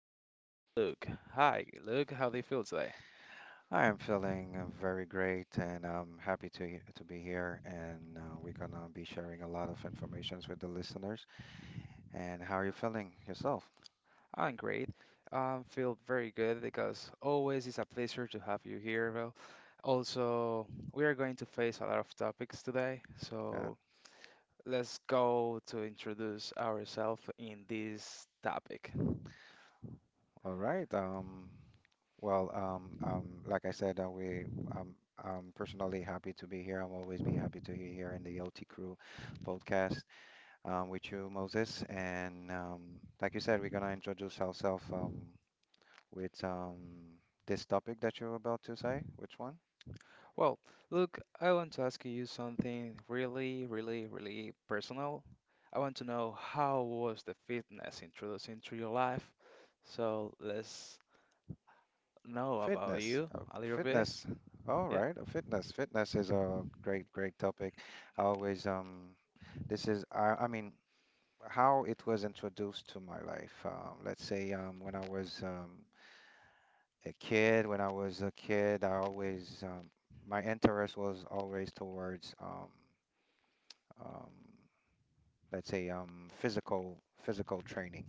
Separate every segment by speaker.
Speaker 1: guest Luke. Hi, Luke. How do you feel today?
Speaker 2: I'm feeling very great, and I'm happy to to be here, and we're gonna be sharing a lot of informations with the listeners. And how are you feeling yourself?
Speaker 1: I'm great. I feel very good because always it's a pleasure to have you here. Well, also we are going to face a lot of topics today,
Speaker 2: Uh,
Speaker 1: so let's go to introduce ourselves in this topic.
Speaker 2: all right. Well, like I said, we um, I'm personally happy to be here. I'm always be happy to be here in the OT Crew podcast with you, Moses. And like you said, we're gonna introduce ourselves with this topic that you're about to say. Which one?
Speaker 1: Well, look, I want to ask you something really, really, really personal. I want to know how was the fitness introduced into your life? So let's know about
Speaker 2: Fitness,
Speaker 1: you a little bit.
Speaker 2: fitness. All
Speaker 1: Yeah.
Speaker 2: right, fitness. Fitness is a great, great topic. I always, I mean, how it was introduced to my life. Let's say, a kid, when I was a kid, I always, my interest was always towards, um, physical training,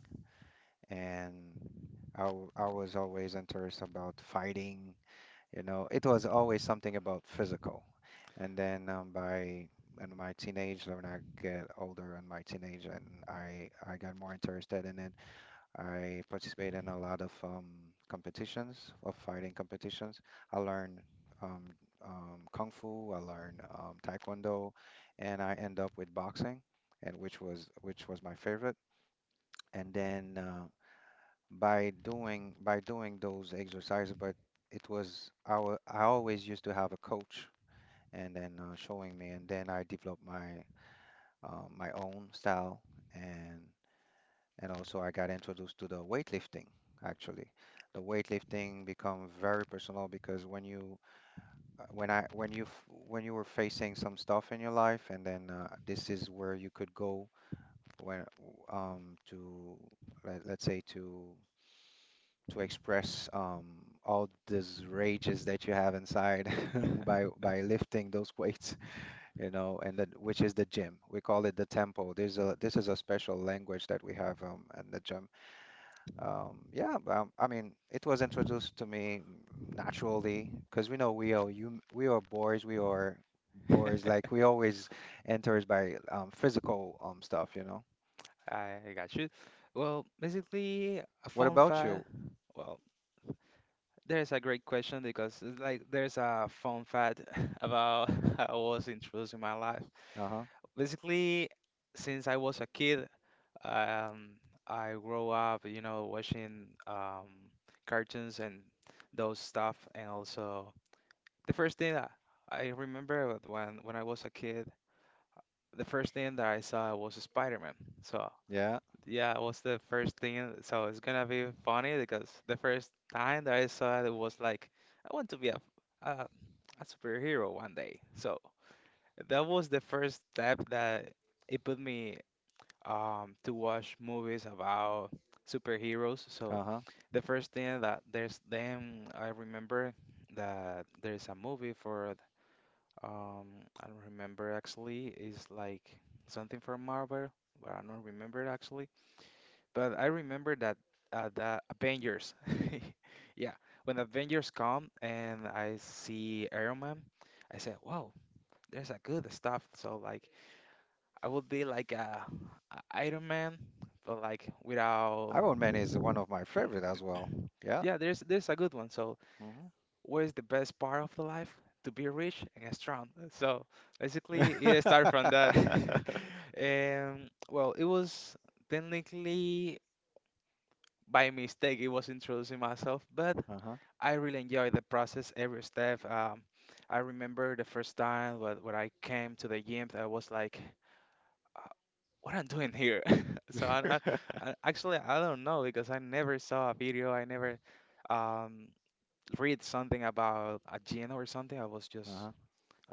Speaker 2: and I was always interested about fighting. It was always something about physical. And then by in my teenage, when I get older in my teenage, and I got more interested in it. I participate in a lot of competitions, of fighting competitions. I learn um, kung fu, I learn taekwondo, and I end up with boxing, and which was my favorite. And then by doing those exercises, but it was I always used to have a coach, and then showing me, and then I developed my own style, and also I got introduced to the weightlifting. Actually, the weightlifting become very personal because when you when I when you f- when you were facing some stuff in your life, and then this is where you could go when to let's say to express all these rages that you have inside by lifting those weights. You know, and then which is the gym. We call it the tempo. There's a This is a special language that we have at the gym. Yeah. I mean, it was introduced to me naturally because we know we are boys. Like we always enters by physical stuff, you know.
Speaker 1: I got you. Well, basically, a
Speaker 2: What
Speaker 1: fun
Speaker 2: about you?
Speaker 1: fact. Well, there's a great question because it's like there's a fun fact about how I was introduced in my life.
Speaker 2: Uh-huh.
Speaker 1: Basically, since I was a kid, Um, I grew up, you know, watching cartoons and those stuff, and also the first thing that I remember was when I was a kid, the first thing that I saw was Spider-Man. So
Speaker 2: Yeah.
Speaker 1: yeah, it was the first thing. So it's gonna be funny because the first time that I saw it, it was like I want to be a, a superhero one day. So that was the first step that it put me to watch movies about superheroes. So
Speaker 2: Uh-huh.
Speaker 1: the first thing that there's then I remember that there's a movie for um I don't remember actually is like something from Marvel, but I don't remember it actually. But I remember that the Avengers. Yeah, when Avengers come and I see Iron Man, I said, "Wow, there's a good stuff." So like I would be like a Iron Man, but like without.
Speaker 2: Iron Man is one of my favorite as well. Yeah.
Speaker 1: Yeah, there's a good one. So
Speaker 2: Mm-hmm.
Speaker 1: what is the best part of the life? To be rich and strong. So basically, it started from that. And well, it was technically by mistake. It was introducing myself, but
Speaker 2: Uh-huh.
Speaker 1: I really enjoyed the process. Every step. I remember the first time when I came to the gym. I was like, what I'm doing here. So I actually I don't know because I never saw a video. I never um, read something about a gin or something. I was just
Speaker 2: Uh-huh.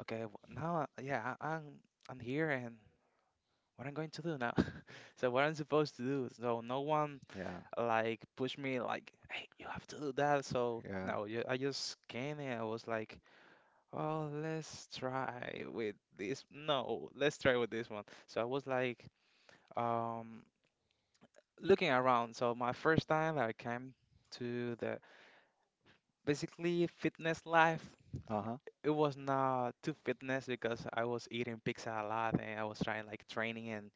Speaker 1: okay. Now, yeah, I'm here and what I'm going to do now. So what I'm supposed to do. So no one
Speaker 2: Yeah.
Speaker 1: like pushed me like, hey, you have to do that. So
Speaker 2: Yeah.
Speaker 1: no, I just came and I was like, oh, let's try with this. No, let's try with this one. So I was like, Um, looking around. So my first time that I came to the basically fitness life,
Speaker 2: Uh-huh.
Speaker 1: it was not too fitness because I was eating pizza a lot and I was trying like training and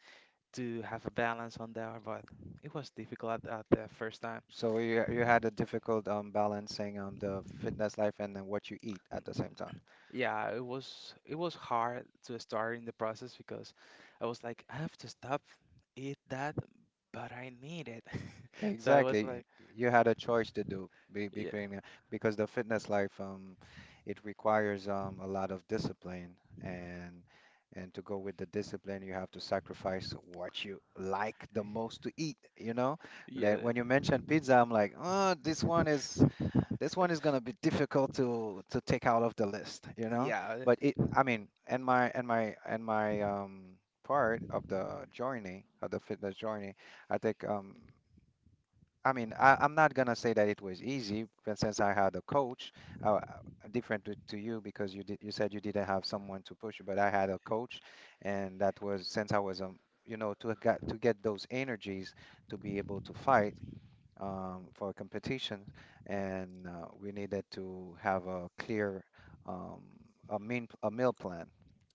Speaker 1: to have a balance on there, but it was difficult at the first time.
Speaker 2: So you had a difficult balancing the fitness life and then what you eat at the same time.
Speaker 1: Yeah, it was hard to start in the process because I was like, I have to stop eat that, but I need it. So I was like,
Speaker 2: Exactly. You had a choice to be
Speaker 1: yeah,
Speaker 2: creating because the fitness life it requires a lot of discipline, and to go with the discipline you have to sacrifice what you like the most to eat, you know?
Speaker 1: yeah,
Speaker 2: That
Speaker 1: yeah,
Speaker 2: when you mention pizza, I'm like, oh, this one is gonna be difficult to take out of the list, you know.
Speaker 1: yeah,
Speaker 2: But I mean, and my and my and my part of the journey of the fitness journey, I think I mean I'm not gonna say that it was easy, but since I had a coach, uh, different to you because you said you didn't have someone to push you, but I had a coach, and that was since I was to get those energies to be able to fight for competition, and we needed to have a clear um, a meal plan.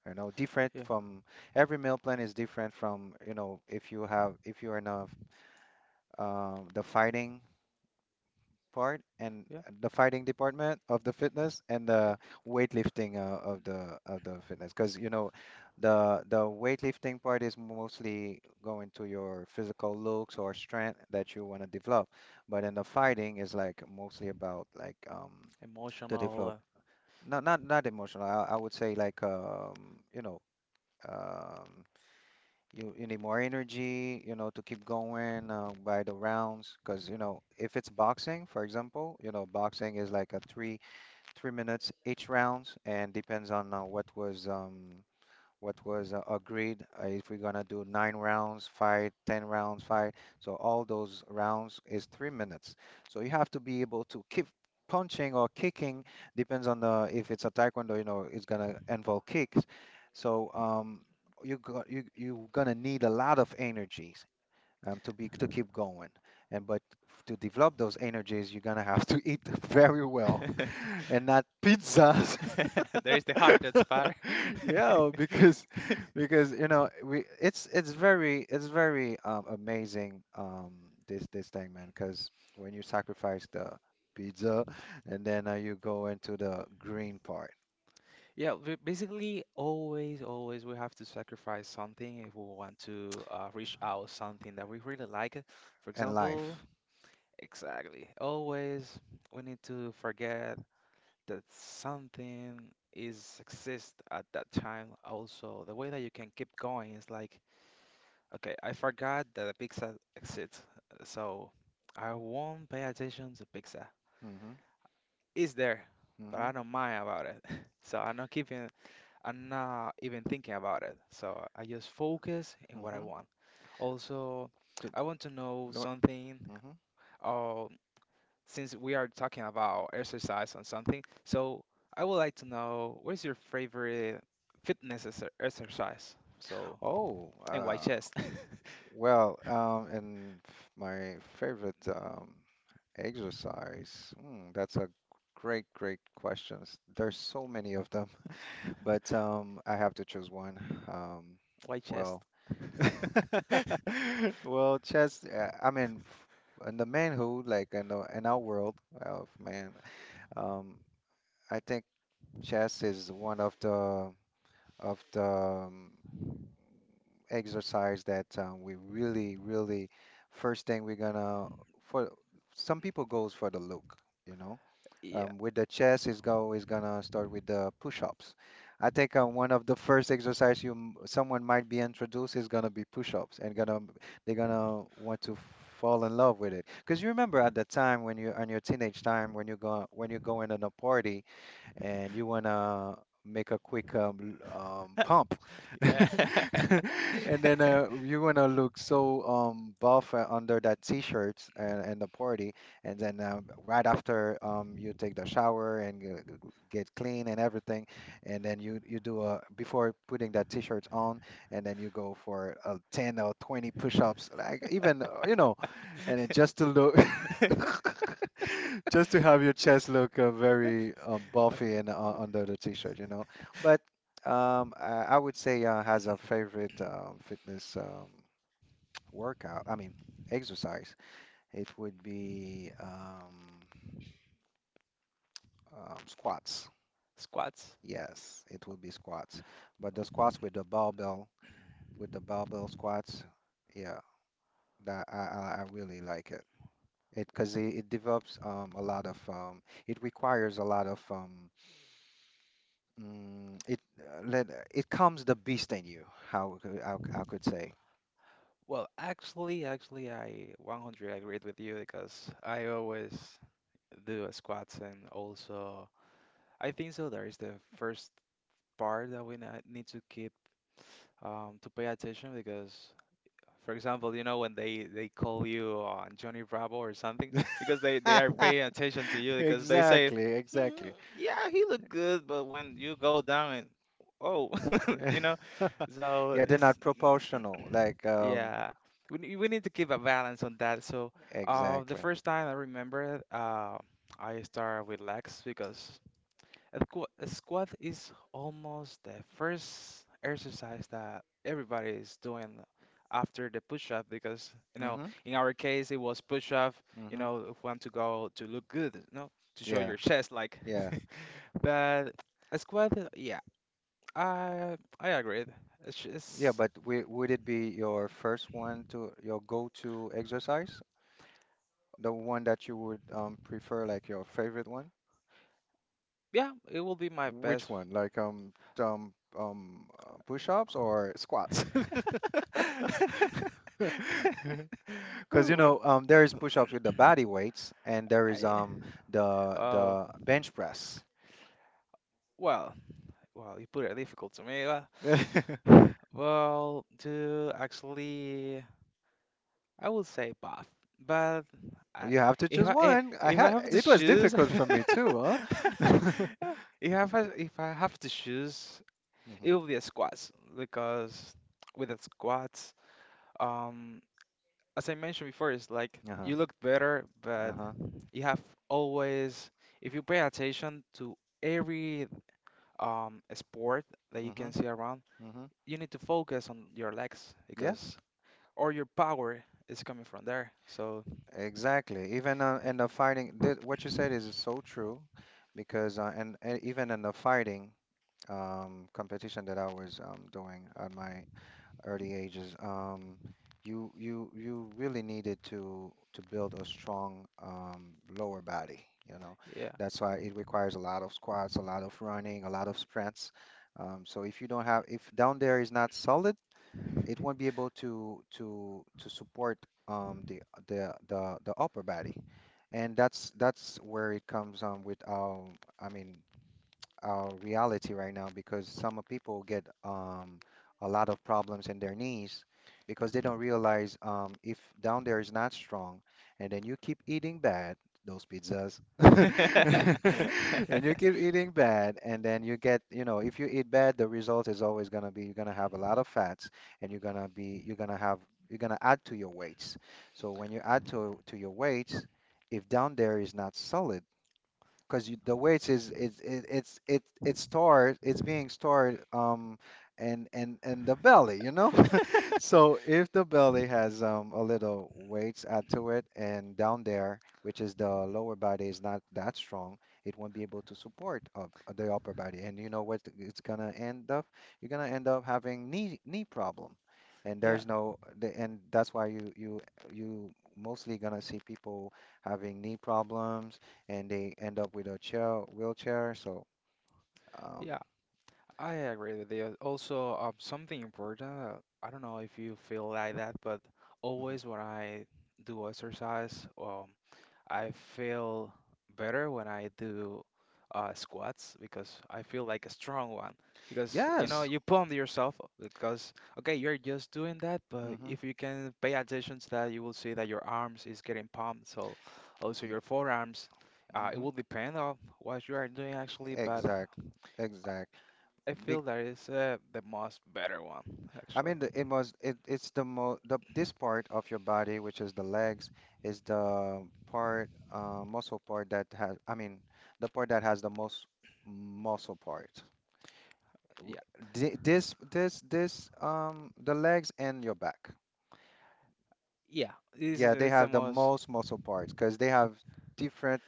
Speaker 2: You know, different
Speaker 1: yeah,
Speaker 2: from every meal plan is different from if you have if you're in a the fighting part, and
Speaker 1: yeah, yeah,
Speaker 2: the fighting department of the fitness and
Speaker 1: yeah,
Speaker 2: the weightlifting of the fitness because you know the weightlifting part is mostly going to your physical looks or strength that you want to develop, but in the fighting is like mostly about like to develop
Speaker 1: emotional.
Speaker 2: not emotional, I would say, like you know um you need more energy, you know, to keep going by the rounds. Because you know, if it's boxing, for example, you know, boxing is like a three minutes each rounds, and depends on what was agreed, if we're gonna do nine rounds fight ten rounds fight, so all those rounds is 3 minutes, so you have to be able to keep punching or kicking, depends on the if it's a taekwondo, you know it's gonna involve kicks. So you're gonna need a lot of energies to keep going, and but to develop those energies you're gonna have to eat very
Speaker 1: uh,
Speaker 2: well, and not pizzas.
Speaker 1: There's the heart that's fire.
Speaker 2: Yeah, because you know we it's very, it's very amazing, this thing, man. Because when you sacrifice the pizza, and then you go into the green part
Speaker 1: Yeah, we basically always we have to sacrifice something if we want to reach out something that we really like. For
Speaker 2: and
Speaker 1: example,
Speaker 2: life.
Speaker 1: exactly. Always we need to forget that something is exist at that time. Also, the way that you can keep going is like, okay, I forgot that a pizza exists, so I won't pay attention to pizza.
Speaker 2: Mm-hmm.
Speaker 1: It's there, but
Speaker 2: Mm-hmm.
Speaker 1: I don't mind about it. So I'm not keeping, I'm not even thinking about it. So I just focus in what I
Speaker 2: Mm-hmm.
Speaker 1: want. Also,
Speaker 2: The,
Speaker 1: I want to know something.
Speaker 2: mm-hmm.
Speaker 1: Uh, since we are talking about exercise and something, so I would like to know what is your favorite fitness exercise? So
Speaker 2: Oh,
Speaker 1: and why chest?
Speaker 2: well, my favorite exercise. Hmm, that's a great, great questions. There's so many of them. But I have to choose one. Um,
Speaker 1: Why chest?
Speaker 2: well, well, chess. I mean, in the manhood, like in our world of man, um, I think chess is one of the exercise that we really, really first thing we're gonna for. Some people goes for the look, you know.
Speaker 1: Yeah.
Speaker 2: With the chest, is gonna start with the push-ups. I think one of the first exercise someone might be introduced is gonna be push-ups, and gonna they're gonna want to fall in love with it. Because you remember at the time when you on your teenage time when you're going on a party, and you want to make a quick pump,
Speaker 1: Yeah.
Speaker 2: and then you want to look so buff under that t-shirt, and the party, and then right after you take the shower and get clean and everything, and then you do a before putting that t-shirt on, and then you go for 10 or 20 push-ups, like even you know, and it just to look, just to have your chest look very
Speaker 1: Uh,
Speaker 2: buffy and under the t-shirt, you know. But I would say has a favorite fitness workout. I mean, exercise. It would be squats.
Speaker 1: Squats.
Speaker 2: Yes, it would be squats. But the squats with the barbell squats, yeah, that I really like it. It because it develops a lot of it requires a lot of it comes the beast in you. I could say.
Speaker 1: Well, actually, I 100% agreed with you because I always do squats and also I think so there is the first part that we need to keep to pay attention because, for example, you know when they call you on Johnny Bravo or something because they are paying attention to you because they say,
Speaker 2: Exactly,
Speaker 1: hmm,
Speaker 2: exactly.
Speaker 1: yeah, he looked good, but when you go down and oh, you know, so
Speaker 2: Yeah, they're
Speaker 1: it's
Speaker 2: not proportional. Like
Speaker 1: Yeah, we we need to keep a balance on that. So, the
Speaker 2: exactly.
Speaker 1: first time I remember, I started with legs because a squat is almost the first exercise that everybody is doing after the push-up because you know
Speaker 2: Mm-hmm.
Speaker 1: in our case it was push-up. You
Speaker 2: Mm-hmm.
Speaker 1: know, if want to go to look good, you know, to show
Speaker 2: Yeah.
Speaker 1: your chest, like.
Speaker 2: Yeah.
Speaker 1: But a squat, yeah, I I agreed. It's
Speaker 2: Yeah.
Speaker 1: just.
Speaker 2: But w would it be your first one to your go-to exercise? The one that you would prefer, like your favorite one?
Speaker 1: Yeah, it will be my
Speaker 2: Which
Speaker 1: best.
Speaker 2: one? Like push-ups or squats? Because
Speaker 1: Ooh,
Speaker 2: you
Speaker 1: well,
Speaker 2: know, there is push-ups with the body weights, and there is
Speaker 1: I,
Speaker 2: the
Speaker 1: uh,
Speaker 2: the bench press.
Speaker 1: well, you put it difficult to me. Well, to actually, I would say bath, but I,
Speaker 2: You have to
Speaker 1: if
Speaker 2: choose
Speaker 1: I eh,
Speaker 2: one. I
Speaker 1: if I
Speaker 2: had
Speaker 1: have to
Speaker 2: It was
Speaker 1: choose,
Speaker 2: difficult for me too, huh?
Speaker 1: if I have to choose, it
Speaker 2: Mm-hmm.
Speaker 1: will be a squats because with the squats, um. as I mentioned before, it's like
Speaker 2: Uh-huh.
Speaker 1: you look better, but
Speaker 2: Uh-huh.
Speaker 1: you have always, if you pay attention to every sport that you
Speaker 2: Mm-hmm.
Speaker 1: can see around,
Speaker 2: Mm-hmm.
Speaker 1: you need to focus on your legs because
Speaker 2: Yes,
Speaker 1: all your power is coming from there. So,
Speaker 2: exactly. Even in the fighting, th what you said is so true, because and even in the fighting competition that I was doing at my early ages, you really needed to build a strong lower body, you know.
Speaker 1: yeah.
Speaker 2: That's why it requires a lot of squats, a lot of running, a lot of sprints. So if you don't have if down there is not solid, it won't be able to support the upper body. And that's where it comes with I mean reality right now, because some of people get a lot of problems in their knees, because they don't realize if down there is not strong, and then you keep eating bad, those pizzas, and you keep eating bad, and then you get, you know, if you eat bad, the result is always going to be you're going to have a lot of fats, and you're going to be, you're going to have, you're going to add to your weights. So when you add to your weights, if down there is not solid, because the way it is it's it it start it's being stored and the belly, you know. So if the belly has a little weights add to it, and down there, which is the lower body, is not that strong, it won't be able to support up the upper body. And you know what it's gonna end up? You're gonna end up having knee problem. And
Speaker 1: Yeah,
Speaker 2: there's no, the- and that's why you you mostly gonna see people having knee problems, and they end up with a chair wheelchair. So um,
Speaker 1: yeah, I agree with you. Also, something important, I don't know if you feel like that, but
Speaker 2: mhm.
Speaker 1: always when I do exercise, I feel better when I do squats because I feel like a strong one. Because you know
Speaker 2: Yes,
Speaker 1: you pump yourself up because okay you're just doing that, but
Speaker 2: hmm
Speaker 1: if you can pay attention to that, you will see that your arms is getting pumped. So also your forearms. It
Speaker 2: hmm
Speaker 1: will depend on what you are doing actually, but
Speaker 2: exactly, exactly.
Speaker 1: I
Speaker 2: Big,
Speaker 1: feel that is the most better one
Speaker 2: I
Speaker 1: actually.
Speaker 2: mean, the, it was it, it's the this part of your body, which is the legs, is the part muscle part that has, I mean, the part that has the most muscle part. W-
Speaker 1: Yeah,
Speaker 2: This the legs and your back.
Speaker 1: yeah. This
Speaker 2: Yeah, they
Speaker 1: is the
Speaker 2: have the
Speaker 1: most
Speaker 2: most muscle parts because they have different.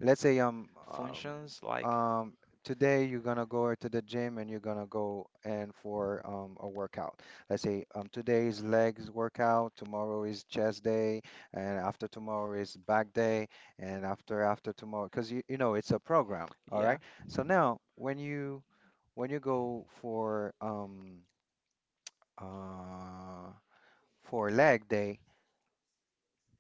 Speaker 2: Let's say
Speaker 1: functions like.
Speaker 2: um today you're gonna go to the gym and you're gonna go and for a workout. Let's say today is legs workout, tomorrow is chest day, and after tomorrow is back day, and after tomorrow because you know it's a program. All
Speaker 1: Yeah,
Speaker 2: right. So now when you go uh for leg day,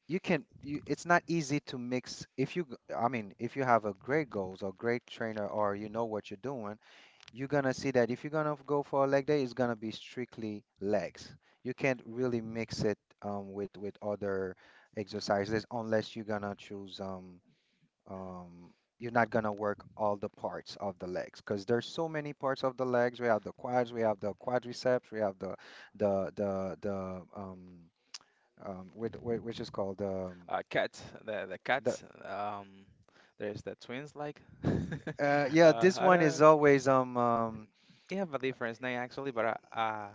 Speaker 2: you can you, it's not easy to mix. If you g- I mean, if you have a great goals or great trainer or you know what you're doing, you're gonna see that if you're gonna go for a leg day, it's gonna be strictly legs. You can't really mix it with other exercises unless you're gonna choose um, you're not gonna work all the parts of the legs because there's so many parts of the legs we have the quads we have the quadriceps we have the um, with, which is called
Speaker 1: cat, the
Speaker 2: the
Speaker 1: cats. There's the twins like.
Speaker 2: Yeah, this
Speaker 1: I
Speaker 2: one
Speaker 1: don't know.
Speaker 2: is always
Speaker 1: They have a different name actually, but uh,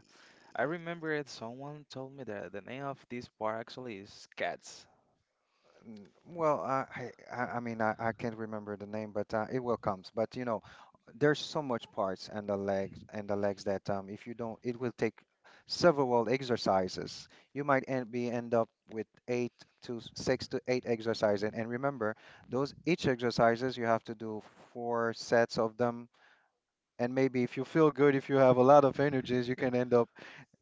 Speaker 1: I remember it. Someone told me that the name of this bar actually is Cats.
Speaker 2: well, I mean, I can't remember the name, but it will comes. But you know, there's so much parts and the legs, and the legs, that if you don't, it will take several exercises. You might end up with six to eight exercises. And remember, those each exercises you have to do four sets of them. And maybe if you feel good, if you have a lot of energies, you can end up,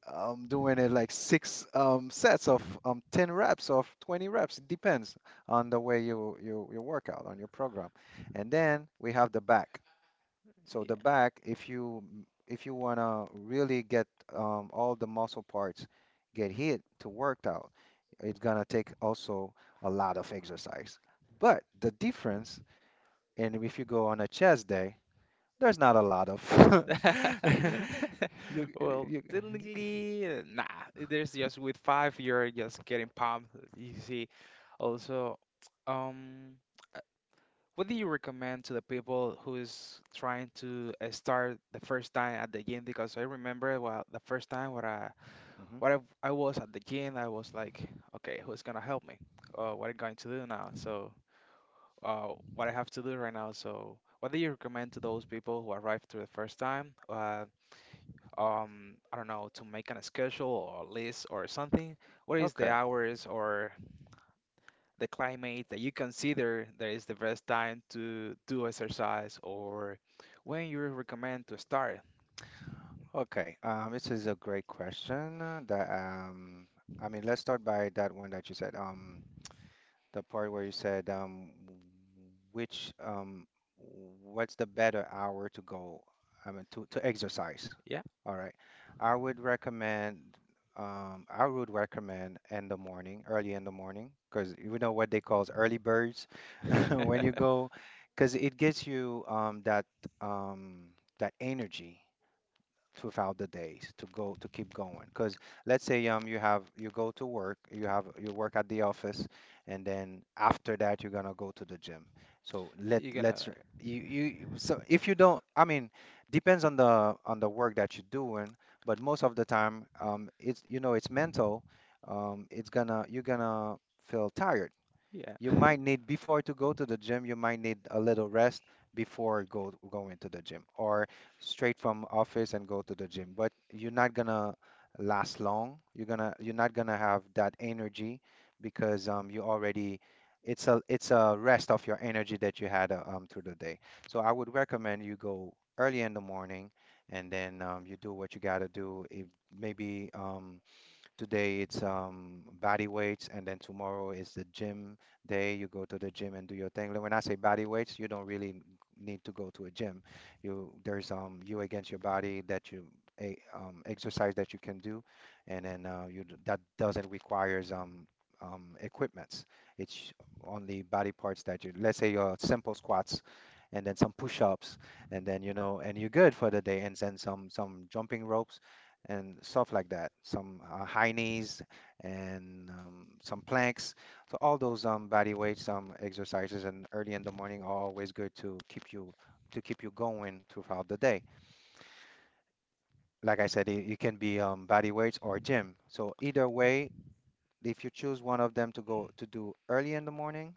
Speaker 2: I'm doing it like six sets of 10 reps of 20 reps. It depends on the way you work out on your program. And then we have the back. So the
Speaker 1: Yeah.
Speaker 2: back, if you wanna really get all the muscle parts get hit to worked out, it's gonna take also a lot of exercise. But the difference, and if you go on a chest day, there's not a lot of you
Speaker 1: Well,
Speaker 2: you.
Speaker 1: technically, nah. There's just with five, you're just getting pumped. You see. Also, um, what do you recommend to the people who is trying to start the first time at the gym? Because I remember well, the first time when I
Speaker 2: Mhm.
Speaker 1: when I, I was at the gym, I was like, okay, who's gonna help me? What I'm going to do now? So, what I have to do right now? So, what do you recommend to those people who arrive to the first time? I don't know, to make an schedule or list or something. What is the
Speaker 2: Okay.
Speaker 1: hours or the climate that you consider that is the best time to do exercise or when you recommend to start.
Speaker 2: Okay, this is a great question. That I mean, let's start by that one that you said. The part where you said, which what's the better hour to go? I mean, to exercise.
Speaker 1: Yeah.
Speaker 2: All right, I would recommend. I would recommend in the morning, early in the morning, because you know what they calls early birds when you go, because it gives you that that energy throughout the days to go to keep going. Because let's say you have you go to work, you have you work at the office, and then after that you're gonna go to the gym. So let
Speaker 1: You're gonna,
Speaker 2: let's r- you so if you don't, I mean, depends on the work that you're doing, but most of the time it's, you know, it's mental. It's gonna, you're gonna feel tired.
Speaker 1: yeah.
Speaker 2: You might need before to go to the gym, you might need a little rest before go going to the gym, or straight from office and go to the gym. But you're not gonna last long. You're gonna, you're not gonna have that energy because you already, it's a, it's a rest of your energy that you had through the day. So I would recommend you go early in the morning, and then you do what you gotta do. If maybe today it's body weights, and then tomorrow is the gym day. You go to the gym and do your thing. Like, when I say body weights, you don't really need to go to a gym. You there's you against your body that you exercise that you can do, and then that doesn't requires equipments. It's only body parts that you, let's say, your simple squats, and then some push-ups, and then, you know, and you're good for the day, and then some jumping rope and stuff like that. Some high knees, and some planks. So all those body weights, exercises, and early in the morning, are always good to keep you going throughout the day. Like I said, it can be body weights or gym. So either way, if you choose one of them to go to do early in the morning,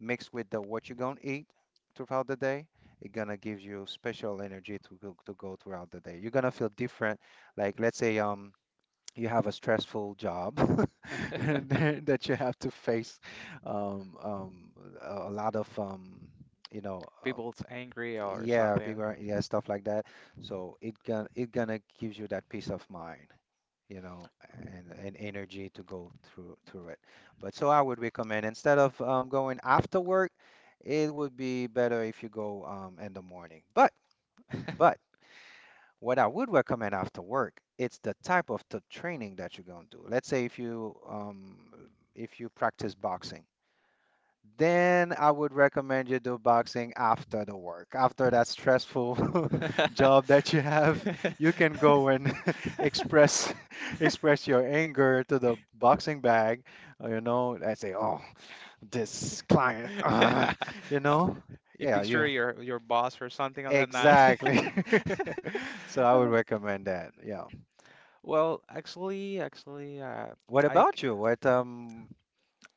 Speaker 2: mixed with the what you're gonna eat throughout the day, it's gonna give you special energy to go throughout the day. You're gonna feel different. Like, let's say you have a stressful job and then that you have to face um, um, a lot of you know,
Speaker 1: People's angry or
Speaker 2: yeah,
Speaker 1: something.
Speaker 2: yeah, stuff like that. So it gonna, it gonna gives you that peace of mind, you know, and energy to go through through it. But so I would recommend, instead of going after work, it would be better if you go in the morning. But what I would recommend after work, it's the type of the training that you're gonna do. Let's say if you practice boxing, then I would recommend you do boxing after the work, after that stressful job that you have. You can go and express express your anger to the boxing bag. You know, I say, oh, this client, you know,
Speaker 1: You
Speaker 2: yeah,
Speaker 1: picture
Speaker 2: you
Speaker 1: your boss or something like that. Nah.
Speaker 2: exactly. So I would recommend that. Yeah.
Speaker 1: Well, actually,
Speaker 2: What
Speaker 1: I
Speaker 2: about
Speaker 1: c-
Speaker 2: you? What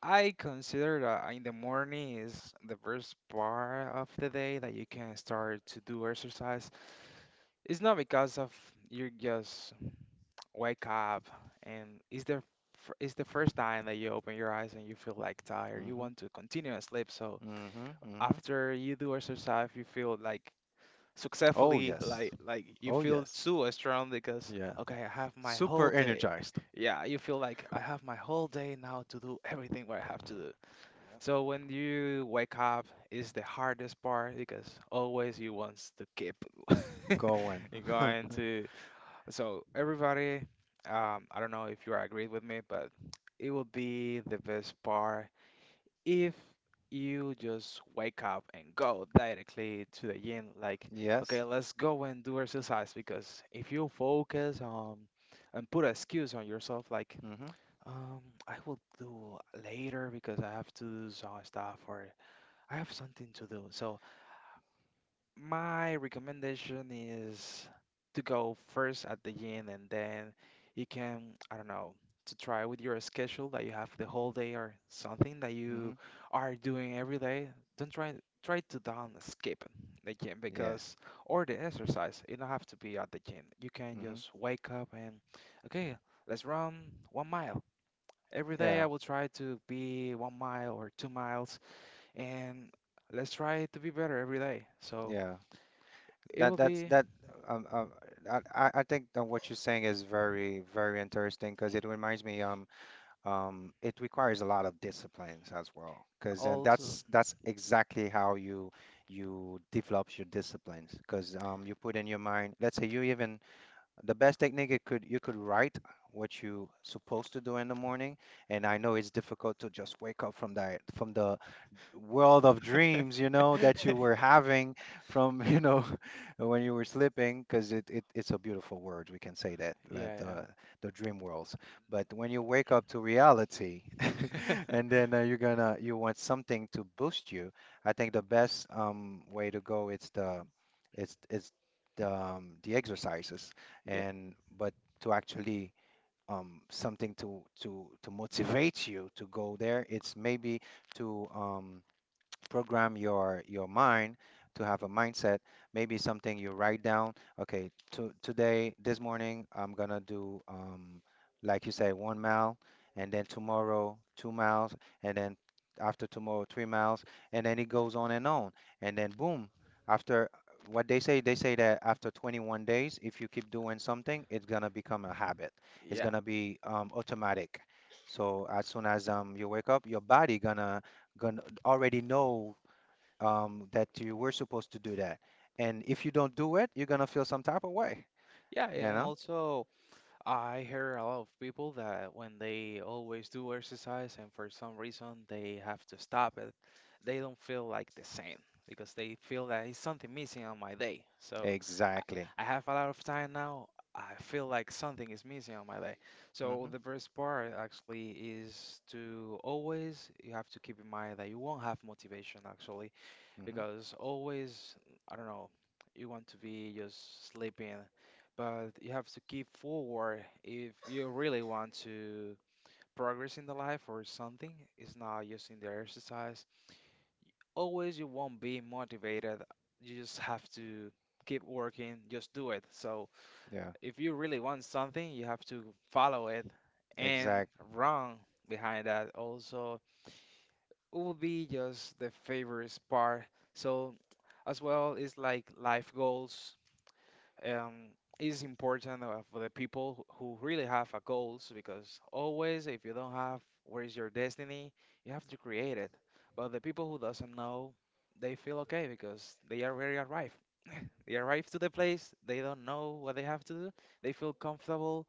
Speaker 1: I consider that in the morning is the first part of the day that you can start to do exercise. It's not because of you just wake up and it's the it's the first time that you open your eyes and you feel like tired. You
Speaker 2: mhm.
Speaker 1: want to continue and sleep. So
Speaker 2: mhm mhm.
Speaker 1: after you do exercise, you feel like
Speaker 2: Oh
Speaker 1: successfully,
Speaker 2: yes.
Speaker 1: like you
Speaker 2: Oh
Speaker 1: feel
Speaker 2: yes.
Speaker 1: so strong because,
Speaker 2: Yeah.
Speaker 1: okay, I have my whole
Speaker 2: Super
Speaker 1: day.
Speaker 2: energized.
Speaker 1: Yeah, you feel like I have my whole day now to do everything what I have to do.
Speaker 2: Yeah.
Speaker 1: So when you wake up is the hardest part because always you want to keep
Speaker 2: Going.
Speaker 1: you going to, so everybody, I don't know if you agree with me, but it will be the best part if you just wake up and go directly to the gym, like, okay,
Speaker 2: Yes.
Speaker 1: let's go and do exercise because if you focus on and put excuse on yourself, like,
Speaker 2: Mhm.
Speaker 1: um, I will do later because I have to do some stuff or I have something to do. So my recommendation is to go first at the gym and then you can, I don't know, to try with your schedule that you have the whole day or something that you
Speaker 2: mhm.
Speaker 1: are doing every day. Don't try to down skip the gym
Speaker 2: Yeah.
Speaker 1: because or the exercise. You don't have to be at the gym. You can
Speaker 2: Mhm.
Speaker 1: just wake up and okay, let's run 1 mile. Every day
Speaker 2: Yeah.
Speaker 1: I will try to be 1 mile or 2 miles and let's try to be better every day. So
Speaker 2: Yeah.
Speaker 1: it
Speaker 2: That
Speaker 1: will
Speaker 2: that's
Speaker 1: be
Speaker 2: that um, um I think that what you're saying is very very interesting because it reminds me it requires a lot of disciplines as well. Because and
Speaker 1: also.
Speaker 2: that's exactly how you you develop your disciplines, because you put in your mind, let's say you even the best technique, it could you could write what you supposed to do in the morning. And I know it's difficult to just wake up from that, from the world of dreams, you know, that you were having, from, you know, when you were sleeping, because it, it's a beautiful word, we can say that, like
Speaker 1: Yeah,
Speaker 2: the dream worlds. But when you wake up to reality,
Speaker 1: yeah.
Speaker 2: and then you're gonna, you want something to boost you. I think the best way to go, it's the, it's the exercises.
Speaker 1: Yeah,
Speaker 2: And but to actually something to motivate you to go there, it's maybe to program your mind to have a mindset, maybe something you write down. Okay, today, this morning, I'm gonna do like you say, 1 mile, and then tomorrow 2 miles, and then after tomorrow 3 miles, and then it goes on and on, and then boom, after what they say, they say that after 21 days if you keep doing something, it's gonna become a habit, it's
Speaker 1: yeah,
Speaker 2: gonna be automatic. So as soon as you wake up, your body gonna gonna already know that you were supposed to do that. And if you don't do it, you're gonna feel some type of way,
Speaker 1: yeah,
Speaker 2: you
Speaker 1: yeah, and
Speaker 2: know?
Speaker 1: also I hear a lot of people that when they always do exercise and for some reason they have to stop it, they don't feel like the same because they feel that it's something missing on my day. So I,
Speaker 2: Exactly.
Speaker 1: I have a lot of time now. I feel like something is missing on my day. So
Speaker 2: Mm-hmm.
Speaker 1: the first part actually is to always you have to keep in mind that you won't have motivation actually
Speaker 2: Mm-hmm.
Speaker 1: because always, I don't know, you want to be just sleeping, but you have to keep forward if you really want to progress in the life or something. It's not just in the exercise. Always you won't be motivated. You just have to keep working, just do it. So
Speaker 2: Yeah.
Speaker 1: if you really want something, you have to follow it and
Speaker 2: Exact.
Speaker 1: run behind that also will be just the favorite part. So, as well, it's like life goals. Um, is important for the people who really have a goals because always, if you don't have where is your destiny, you have to create it. But the people who doesn't know, they feel okay because they are very arrived. They arrive to the place, they don't know what they have to do, they feel comfortable,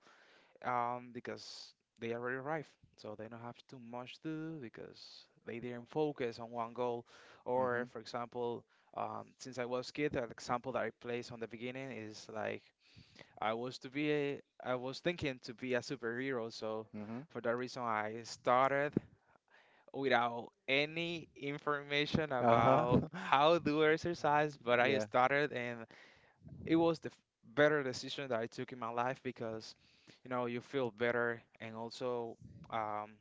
Speaker 1: because they already arrived, so they don't have too much to do because they didn't focus on one goal. Or,
Speaker 2: Mm-hmm.
Speaker 1: for example, since I was kid, that example that I placed on the beginning is like I was to be a, I was thinking to be a superhero, so
Speaker 2: Mm-hmm.
Speaker 1: for that reason I started without any information about
Speaker 2: Uh-huh.
Speaker 1: how to exercise, but I
Speaker 2: Yeah.
Speaker 1: started and it was the better decision that I took in my life because, you know, you feel better and also, um,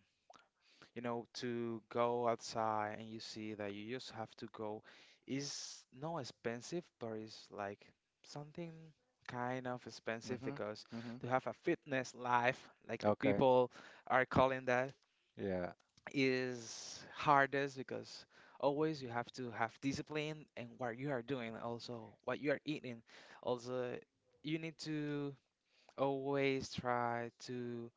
Speaker 1: you know, to go outside and you see that you just have to go is not expensive, but it's like something kind of expensive
Speaker 2: Mm-hmm.
Speaker 1: because
Speaker 2: Mm-hmm.
Speaker 1: to have a fitness life, like the
Speaker 2: Okay.
Speaker 1: people are calling that,
Speaker 2: Yeah.
Speaker 1: is hardest because always you have to have discipline and what you are doing also what you are eating also you need to always try to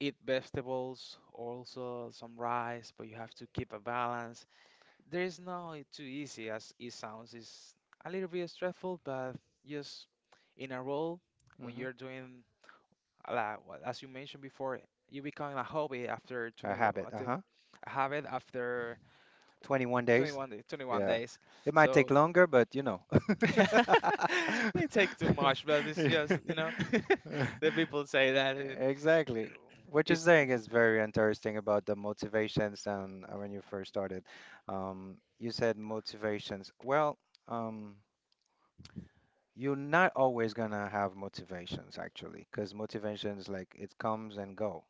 Speaker 1: eat vegetables also some rice but you have to keep a balance. There is no too easy as it sounds. It's a little bit stressful but just in a role when
Speaker 2: Mm-hmm.
Speaker 1: you're doing a lot as you mentioned before you become a hobby after
Speaker 2: A
Speaker 1: 20 what-
Speaker 2: habit.
Speaker 1: if-
Speaker 2: Uh-huh.
Speaker 1: a habit after
Speaker 2: 21 days.
Speaker 1: 21 days, 21
Speaker 2: Yeah.
Speaker 1: days.
Speaker 2: It might take
Speaker 1: So
Speaker 2: longer, but you know.
Speaker 1: it take too much, but it's just, you know, the people say that and
Speaker 2: Exactly. What you're
Speaker 1: it's
Speaker 2: saying is very interesting about the motivations and when you first started. You said motivations. Well, um, you're not always gonna have motivations actually, because motivations, like, it comes and go,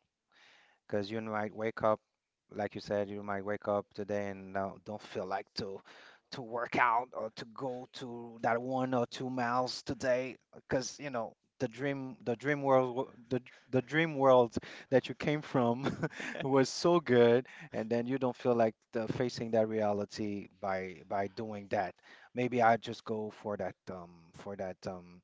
Speaker 2: because you might wake up, like you said, you might wake up today and don't feel like to work out, or to go to that 1 or 2 miles today, because you know the dream world that you came from was so good, and then you don't feel like the, facing that reality by doing that. Maybe I just go for that um for that um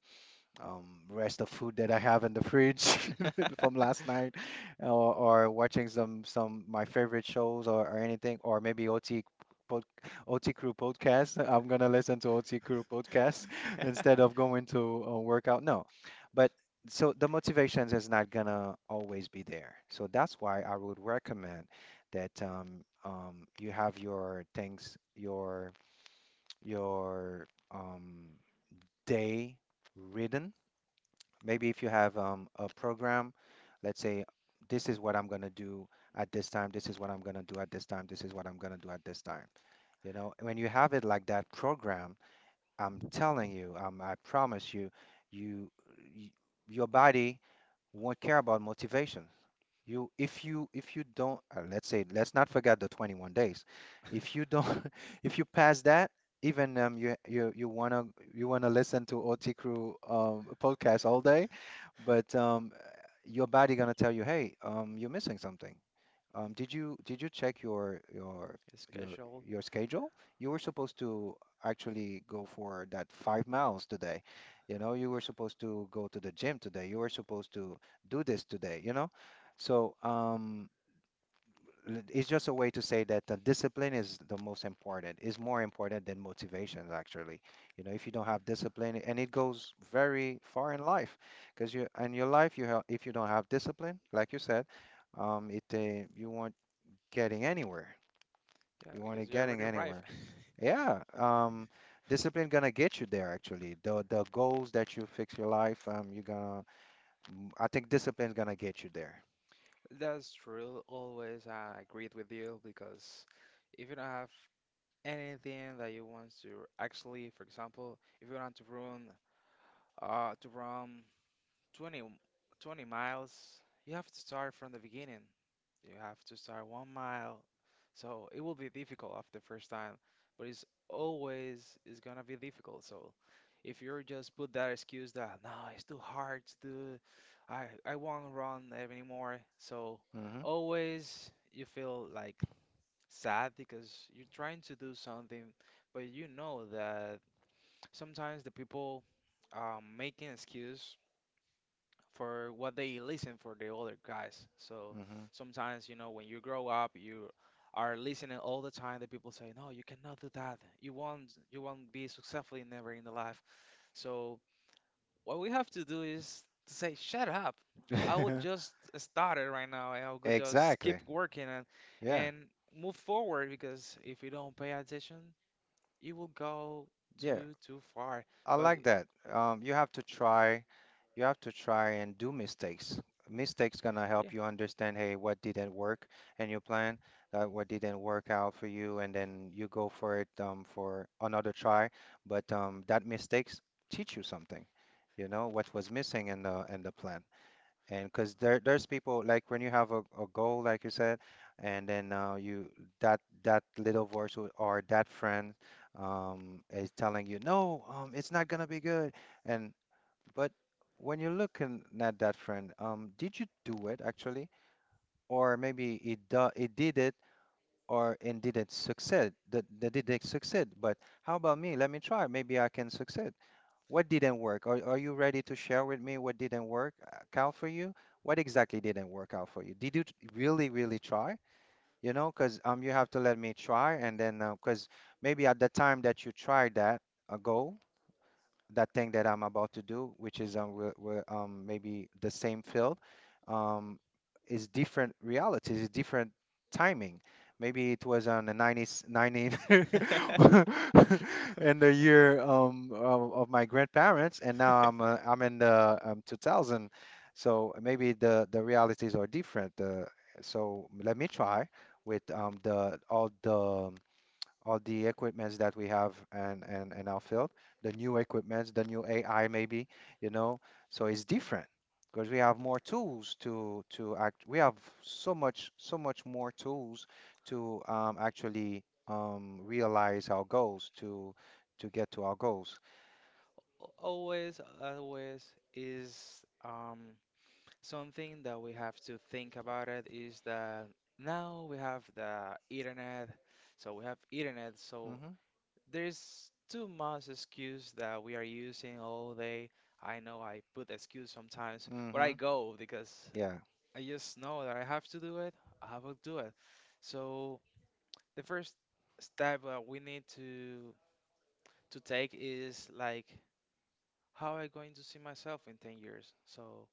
Speaker 2: um, rest of food that I have in the fridge from last night, or, watching some my favorite shows, or, anything, or maybe OT pod, OT Crew podcast. I'm gonna listen to OT Crew podcast instead of going to workout. No, but so the motivations is not gonna always be there. So that's why I would recommend that you have your things, your your um, day. Written. Maybe if you have a program, let's say, this is what I'm going to do at this time, this is what I'm going to do at this time, this is what I'm going to do at this time. You know, when you have it like that program, I'm telling you, I promise you, you, y your body won't care about motivation. If you don't, let's say, let's not forget the 21 days. If you don't, if you pass that, even you wanna listen to OT Crew podcast all day, but your body gonna tell you, hey, you're missing something. Did you check your your
Speaker 1: schedule.
Speaker 2: your schedule? You were supposed to actually go for that 5 miles today. You know, you were supposed to go to the gym today. You were supposed to do this today, you know? So, it's just a way to say that the discipline is the most important, is more important than motivation, actually. You know, if you don't have discipline, and it goes very far in life, because you in your life, you have if you don't have discipline, like you said, it you won't getting anywhere.
Speaker 1: Yeah,
Speaker 2: You want
Speaker 1: because
Speaker 2: it
Speaker 1: you
Speaker 2: getting
Speaker 1: already arrived.
Speaker 2: anywhere. Yeah, discipline gonna get you there actually. The goals that you fix your life, you're gonna. I think discipline's gonna get you there.
Speaker 1: That's true. Always I agreed with you because if you don't have anything that you want to actually, for example, if you want to run to run 20 20 miles, you have to start from the beginning. You have to start 1 mile. So it will be difficult after the first time, but it's always is gonna be difficult. So if you're just put that excuse that no, it's too hard to do, I won't run anymore. So
Speaker 2: hmm
Speaker 1: always you feel like sad because you're trying to do something, but you know that sometimes the people making excuse for what they listen for the older guys. So sometimes, you know, when you grow up, you are listening all the time that people say, "No, you cannot do that. You won't be successful in never in the life." So what we have to do is to say, "Shut up. I would
Speaker 2: hmm
Speaker 1: just start it right now and I would just keep
Speaker 2: Exactly.
Speaker 1: working and
Speaker 2: Yeah.
Speaker 1: and move forward because if you don't pay attention, you will go
Speaker 2: Yeah.
Speaker 1: too far."
Speaker 2: I
Speaker 1: But
Speaker 2: like that. You have to try. You have to try and do mistakes. Mistakes gonna
Speaker 1: yeah.
Speaker 2: help you understand, hey, what didn't work in your plan, what didn't work out for you, and then you go for it for another try. But that mistakes teach you something, you know, what was missing in the plan. And because there's people like when you have a goal, like you said, and then you that little voice or that friend is telling you, no, it's not gonna be good, and but when you're looking at that friend, did you do it actually? Or maybe it do it did it or and did it succeed? That did it succeed? But how about me? Let me try. Maybe I can succeed. What didn't work? Are you ready to share with me what didn't work out for you? What exactly didn't work out for you? Did you really, really try? You know, because you have to let me try and then because maybe at the time that you tried that a goal that thing that I'm about to do, which is maybe the same field, um, is different realities, is different timing. Maybe it was on the 90s, 90 in the year of my grandparents, and now I'm in the 2000. So maybe the realities are different. So let me try with the all the all the equipments that we have and in our field, the new equipments, the new AI maybe, you know. So it's different because we have more tools to act. We have so much more tools to actually realize our goals to get to our goals.
Speaker 1: Always, always is something that we have to think about it is that now we have the internet, so we have internet, so
Speaker 2: Mhm.
Speaker 1: there's too much excuse that we are using all day. I know I put excuse sometimes, but I
Speaker 2: Mhm.
Speaker 1: go because
Speaker 2: Yeah.
Speaker 1: I just know that I have to do it, I will do it. So the first step that we need to take is like how I going to see myself in 10 years. So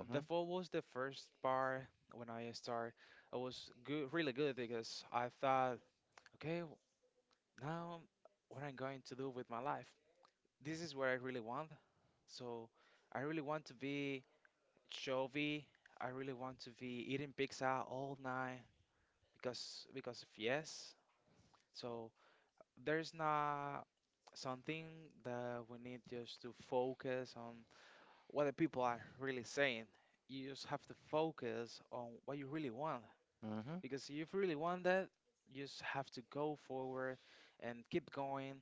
Speaker 1: the fall was the first part when I start. I was good, really good because I thought, okay, now what I'm going to do with my life. This is what I really want. So I really want to be chovy. I really want to be eating pizza all night because of yes. So there's not something that we need just to focus on what the people are really saying. You just have to focus on what you really want.
Speaker 2: Mhm.
Speaker 1: Because if you really want that, you just have to go forward and keep going,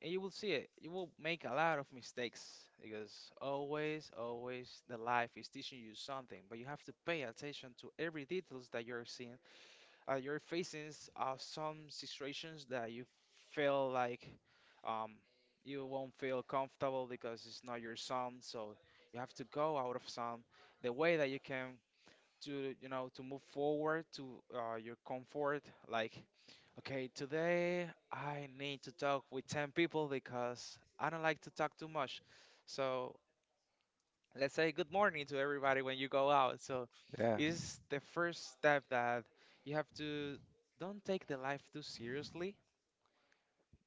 Speaker 1: and you will see it. You will make a lot of mistakes because always, always the life is teaching you something, but you have to pay attention to every details that you're seeing you're facing some situations that you feel like um, you won't feel comfortable because it's not your son. So you have to go out of son. The way that you can to you know to move forward to your comfort, like okay, today I need to talk with ten people because I don't like to talk too much. So let's say good morning to everybody when you go out. So
Speaker 2: Yeah.
Speaker 1: it's the first step that you have to don't take the life too seriously,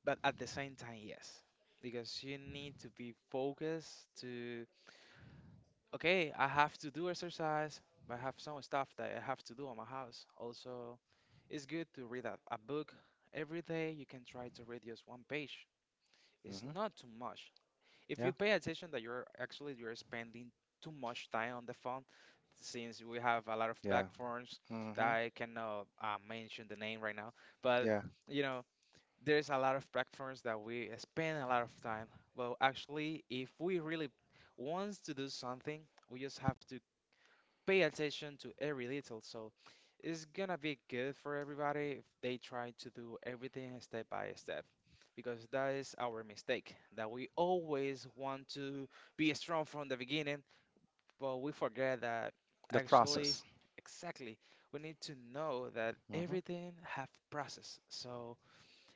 Speaker 1: but at the same time, yes. Because you need to be focused to, okay, I have to do exercise, but I have some stuff that I have to do on my house. Also, it's good to read a book every day. You can try to read just one page. It's
Speaker 2: Mhm.
Speaker 1: not too much. If
Speaker 2: Yeah.
Speaker 1: you pay attention that you're actually you're spending too much time on the phone since we have a lot of
Speaker 2: Yeah.
Speaker 1: platforms that
Speaker 2: Mhm.
Speaker 1: I cannot mention the name right now but
Speaker 2: Yeah.
Speaker 1: you know there's a lot of platforms that we spend a lot of time. Well actually if we really wants to do something we just have to pay attention to every detail. So it's gonna be good for everybody if they try to do everything step by step, because that is our mistake, that we always want to be strong from the beginning, but we forget that
Speaker 2: The
Speaker 1: actually,
Speaker 2: process.
Speaker 1: exactly, we need to know that
Speaker 2: Mhm.
Speaker 1: everything have process. So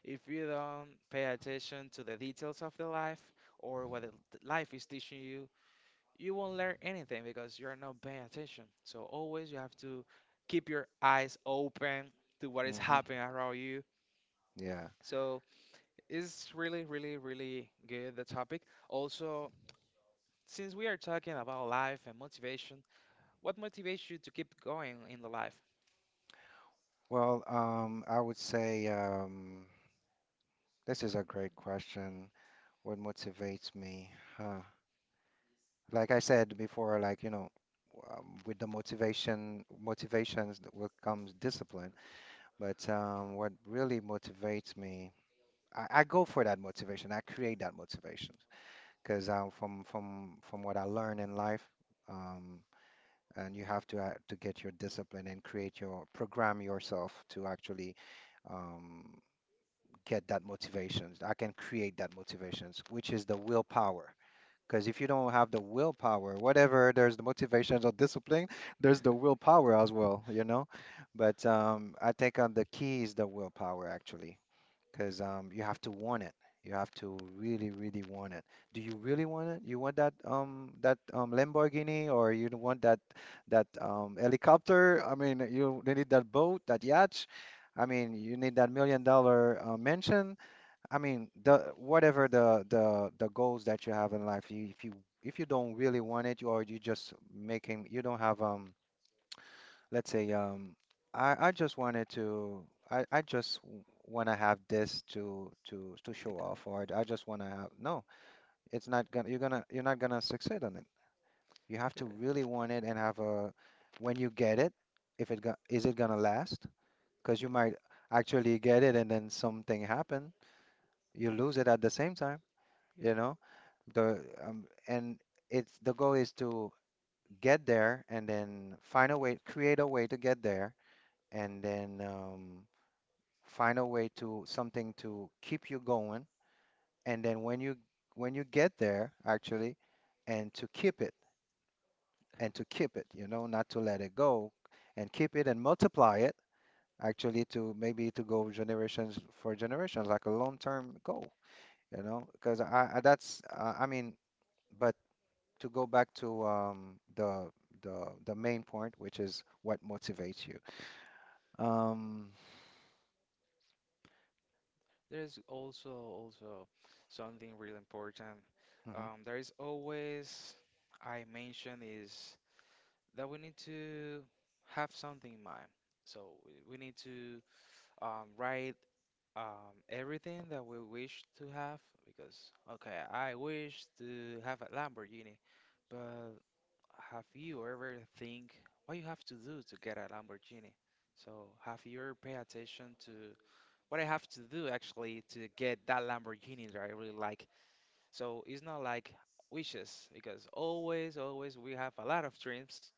Speaker 1: if you don't pay attention to the details of the life or what the life is teaching you, you won't learn anything because you're not paying attention. So always you have to keep your eyes open to what is
Speaker 2: Mhm.
Speaker 1: happening around you.
Speaker 2: Yeah.
Speaker 1: So it's really, really, really good the topic. Also, since we are talking about life and motivation, what motivates you to keep going in the life?
Speaker 2: Well, I would say this is a great question. What motivates me? Huh. Like I said before, like you know, with the motivation, motivations that will comes discipline. But what really motivates me, I go for that motivation. I create that motivation because from what I learn in life, um, and you have to get your discipline and create your program yourself to actually. um, get that motivations. I can create that motivations, which is the willpower. Because if you don't have the willpower, whatever, there's the motivations or discipline, there's the willpower as well, you know. But I think the key is the willpower actually, because you have to want it. You have to really, really want it. Do you really want it? You want that that Lamborghini, or you don't want that that helicopter? I mean, you need that boat, that yacht. I mean, you need that million dollar mansion. I mean, the whatever the goals that you have in life, you if you if you don't really want it, or you just making you don't have let's say I just wanted to I just want to have this to to show
Speaker 1: Like,
Speaker 2: off, or I just want to have no, it's not gonna you're gonna you're not gonna succeed on it. You have to really want it and have a when you get it, if it go, is it gonna last? Because you
Speaker 1: yeah,
Speaker 2: might actually get it and then something happen, you lose it at the same time,
Speaker 1: yeah.
Speaker 2: you know? The And it's the goal is to get there and then find a way, create a way to get there, and then find a way to something to keep you going. And then when you get there, actually, and to keep it and to keep it, you know, not to let it go, and keep it and multiply it actually to maybe to go generations for generations like a long-term goal, you know, because I that's I mean, but to go back to the main point, which is what motivates you. Um,
Speaker 1: There's also something really important.
Speaker 2: hmm
Speaker 1: There is always I mentioned is that we need to have something in mind. So we need to write everything that we wish to have because, okay, I wish to have a Lamborghini, but have you ever think what you have to do to get a Lamborghini? So have you ever pay attention to what I have to do actually to get that Lamborghini that I really like? So it's not like wishes because always, always we have a lot of dreams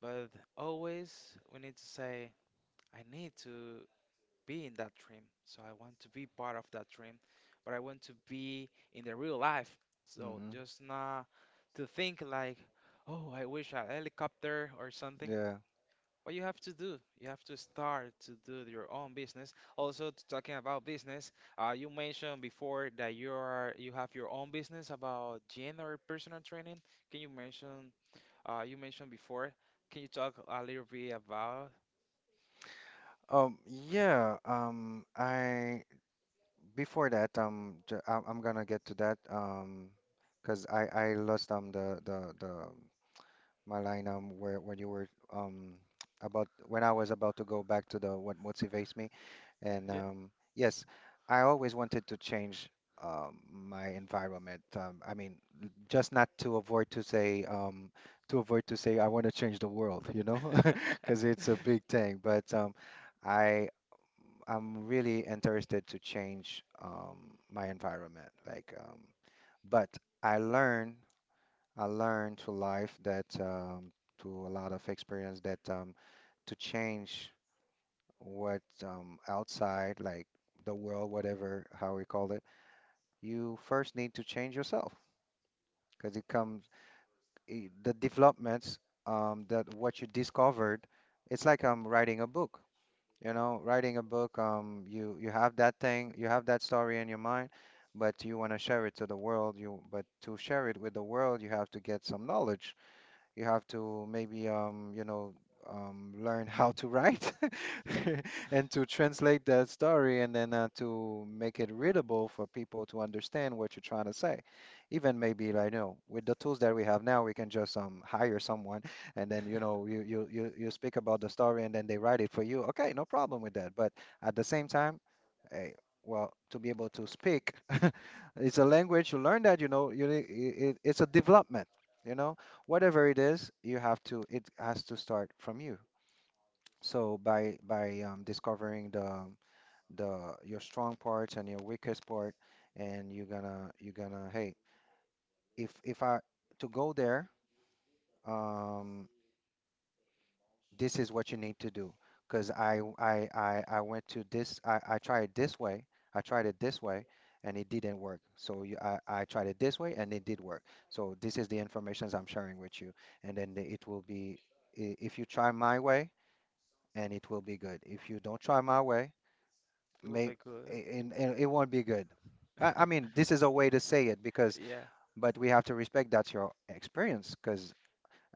Speaker 1: but always we need to say, I need to be in that dream. So I want to be part of that dream, but I want to be in the real life. So
Speaker 2: hmm
Speaker 1: just not to think like, oh, I wish I had a helicopter or something.
Speaker 2: yeah.
Speaker 1: What you have to do, you have to start to do your own business. Also, talking about business, you mentioned before that you are you have your own business about gym or personal training. Can you mention you mentioned before. Can you talk a little bit about?
Speaker 2: Yeah. I before that, I'm gonna get to that. Because I lost the my line where when you were about when I was about to go back to the what motivates me. And
Speaker 1: Yeah,
Speaker 2: yes, I always wanted to change my environment. I mean, just not to avoid to say to avoid to say I want to change the world, you know,
Speaker 1: it
Speaker 2: because it's a big thing. But I I'm really interested to change my environment. Like, but I learn I learned to life that to a lot of experience that to change what outside, like the world, whatever, how we call it, you first need to change yourself because it comes the developments that what you discovered. It's like writing a book. You know, writing a book. You have that thing, you have that story in your mind, but you want to share it to the world. You but to share it with the world, you have to get some knowledge. You have to maybe you know learn how to write and to translate that story and then to make it readable for people to understand what you're trying to say. Even maybe like you know with the tools that we have now, we can just hire someone and then you know you speak about the story and then they write it for you. Okay, no problem with that. But at the same time eh, well, to be able to speak. It's a language. You learn that, you know, it's a development, you know, whatever it is, you have to, it has to start from you. So by discovering the your strong parts and your weakest part, and you're gonna hey, if I to go there, um, this is what you need to do because I went to this I tried it this way I tried it this way and it didn't work so I tried it this way and it did work so this is the information I'm sharing with you, and then it will be if you try my way and it will be good if you don't try my way
Speaker 1: will
Speaker 2: may
Speaker 1: be good.
Speaker 2: and it won't be good. I mean this is a way to say it because
Speaker 1: Yeah.
Speaker 2: but we have to respect that's your experience because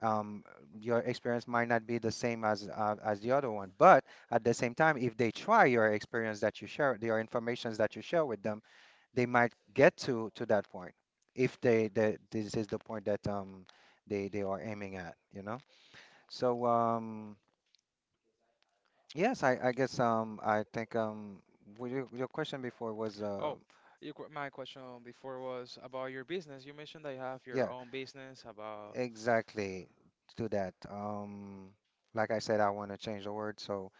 Speaker 2: um, your experience might not be the same as the other one. But at the same time, if they try your experience that you share, your informations that you share with them, they might get to that point. If they, they this is the point that they are aiming at, you know. So um yes, I guess I think your question before was
Speaker 1: Oh, my question before was about your business. You mentioned that you have your
Speaker 2: yeah,
Speaker 1: own business about.
Speaker 2: exactly to that. Like I said, I want to change the word, so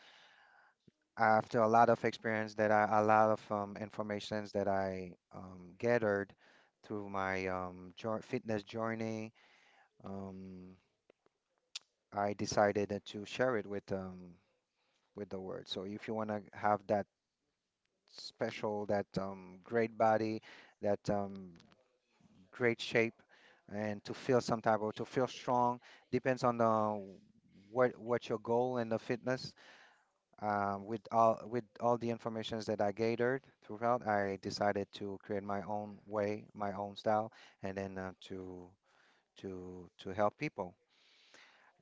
Speaker 2: after a lot of experience that I, a lot of informations that I gathered through my fitness journey, um, I decided that to share it with the world. So if you want to have that special, that great body, that great shape, and to feel some type of to feel strong, depends on the what your goal in the fitness. With all the informations that I gathered throughout, I decided to create my own way, my own style, and then to to help people.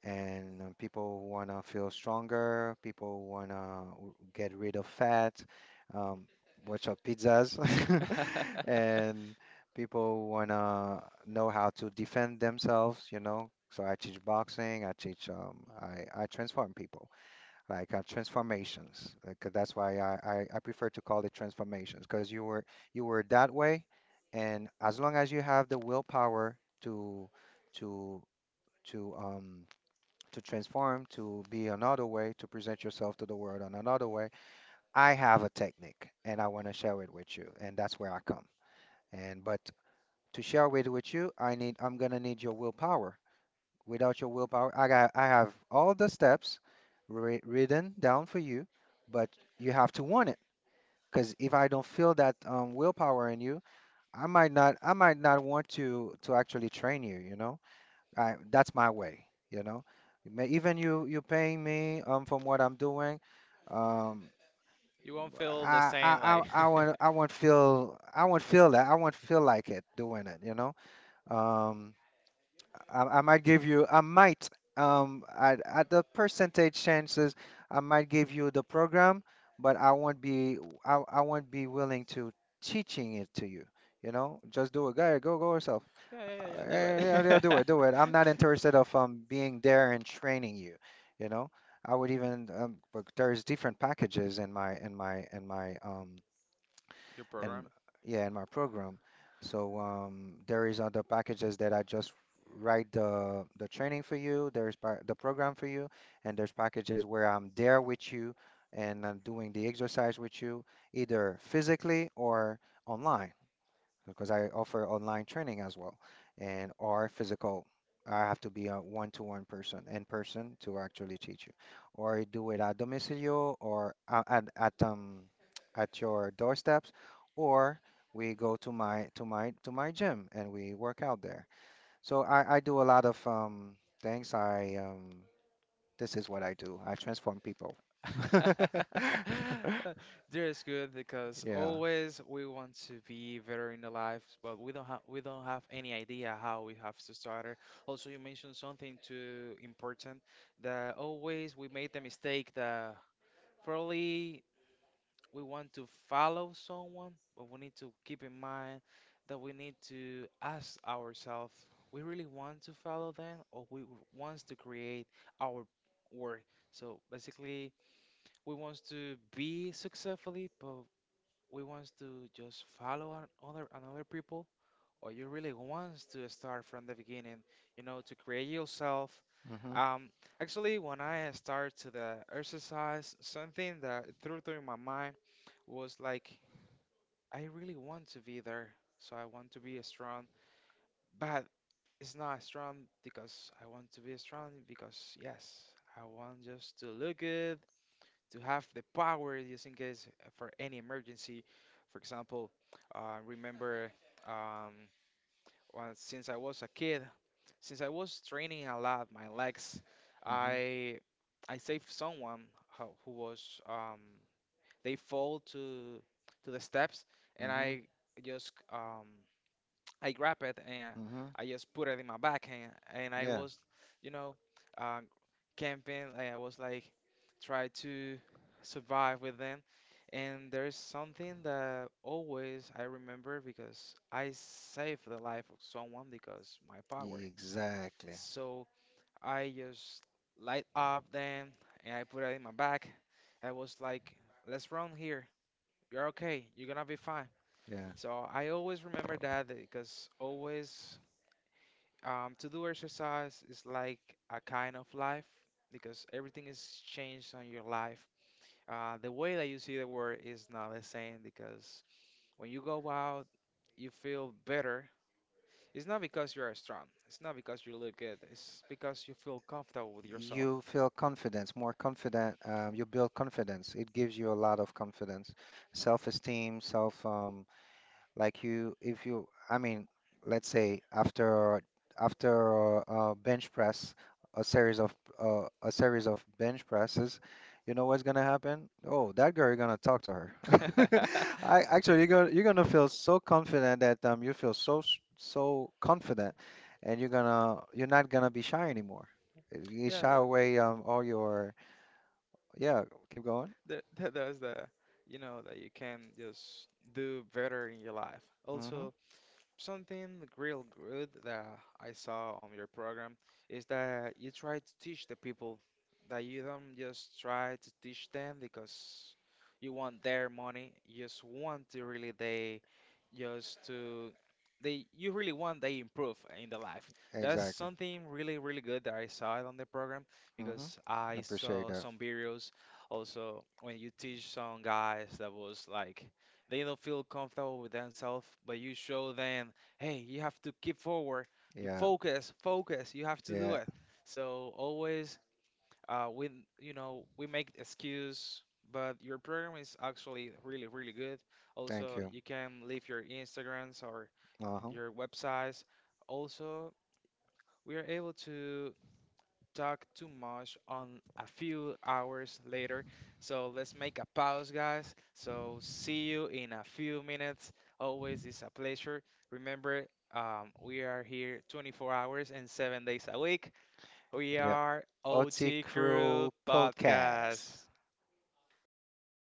Speaker 2: And people want to feel stronger. People want to get rid of fat. Um, watch out pizzas, and people want to know how to defend themselves. You know, so I teach boxing. I teach. I transform people like transformations. Like, that's why I prefer to call it transformations because you were that way, and as long as you have the willpower to to um to transform to be another way to present yourself to the world on another way. I have a technique and I want to share it with you, and that's where I come. And but to share it with you, I'm gonna need your willpower without your willpower. I have all the steps written down for you, but you have to want it. Because if I don't feel that willpower in you, I might not want to actually train you. You know, that's my way. You know, even you paying me from what I'm doing, um,
Speaker 1: You won't feel the same, like.
Speaker 2: I won't feel that I won't feel like it doing it. You know, um. I might give you, I might, at the percentage chances, I might give you the program, but I won't be willing to teaching it to you. You know, just do it. Go, go, go yourself.
Speaker 1: Yeah, yeah, yeah, yeah. Do
Speaker 2: Yeah, yeah, do
Speaker 1: it.
Speaker 2: it, do it. I'm not interested of being there and training you. You know, I would even but there's different packages in my
Speaker 1: Your
Speaker 2: and
Speaker 1: program.
Speaker 2: yeah, in my program. So there is other packages that I just write the training for you. The program for you, and there's packages where I'm there with you and I'm doing the exercise with you, either physically or online because I offer online training as well and or physical. I have to be a one-to-one person in person to actually teach you, or I do it at domicilio or at your doorsteps, or we go to my gym and we work out there. So I do a lot of things. I this is what I do. I transform people.
Speaker 1: There is good because
Speaker 2: Yeah.
Speaker 1: always we want to be better in the life, but we don't have any idea how we have to start it. Also, you mentioned something too important that always we made the mistake that probably we want to follow someone, but we need to keep in mind that we need to ask ourselves, we really want to follow them, or we want to create our work. So basically we want to be successfully, but we want to just follow other another people, or you really want to start from the beginning, you know, to create yourself.
Speaker 2: Mhm.
Speaker 1: Um, Actually, when I start to the exercise, something that through my mind was like, I really want to be there, so I want to be strong, but it's not strong because I want to be strong because yes, I want just to look good to have the power just in case for any emergency. For example, remember um, since I was a kid, since I was training a lot my legs,
Speaker 2: Mhm.
Speaker 1: I I saved someone who was they fall to the steps, and
Speaker 2: Mhm.
Speaker 1: I just I grab it and
Speaker 2: Mhm.
Speaker 1: I just put it in my back and I
Speaker 2: Yeah.
Speaker 1: was you know uh, camping and I was like try to survive with them. And there's something that always I remember because I saved the life of someone because my power.
Speaker 2: Yeah, exactly.
Speaker 1: So I just light up then and I put it in my back. I was like, let's run here. You're okay. You're gonna be fine.
Speaker 2: Yeah.
Speaker 1: So I always remember that because always to do exercise is like a kind of life because everything is changed on your life the way that you see the world is not the same because when you go out, you feel better. It's not because you are strong. It's not because you look good. It's because you feel comfortable with yourself.
Speaker 2: You feel confidence, more confident. You build confidence. It gives you a lot of confidence, self-esteem, self, like you, if you, I mean, let's say after bench press, a series of a series of bench presses, you know what's gonna happen? Oh, that girl, you're gonna talk to her. I actually, you're gonna feel so confident that you feel so confident, and you're not gonna be shy anymore. You
Speaker 1: Yeah,
Speaker 2: shy away all your yeah. Keep going.
Speaker 1: that's the, you know, that you can just do better in your life.
Speaker 2: Mm-hmm.
Speaker 1: Also, something real good that I saw on your program is that you try to teach the people that you don't just try to teach them because you want their money. You just want to really they just to they you really want they improve in the life. That's
Speaker 2: Exactly.
Speaker 1: something really really good that I saw it on the program
Speaker 2: Mm-hmm.
Speaker 1: because
Speaker 2: I
Speaker 1: I
Speaker 2: appreciate
Speaker 1: saw
Speaker 2: that.
Speaker 1: some videos also when you teach some guys that was like they don't feel comfortable with themselves, but you show them, hey, you have to keep forward. You
Speaker 2: Yeah.
Speaker 1: focus, focus. You have to do
Speaker 2: Yeah.
Speaker 1: it. So always, we you know we make excuse, but your program is actually really really good.
Speaker 2: Thank
Speaker 1: Also,
Speaker 2: you.
Speaker 1: you can leave your Instagrams or
Speaker 2: Uh-huh.
Speaker 1: your websites. Also, we are able to talk too much on a few hours later. So let's make a pause, guys. So see you in a few minutes. Always is a pleasure. Remember, we are here 24 hours and 7 days a week. We
Speaker 2: The
Speaker 1: are
Speaker 2: Otzi
Speaker 1: OT Crew
Speaker 2: Crew
Speaker 1: Podcast.
Speaker 2: podcast.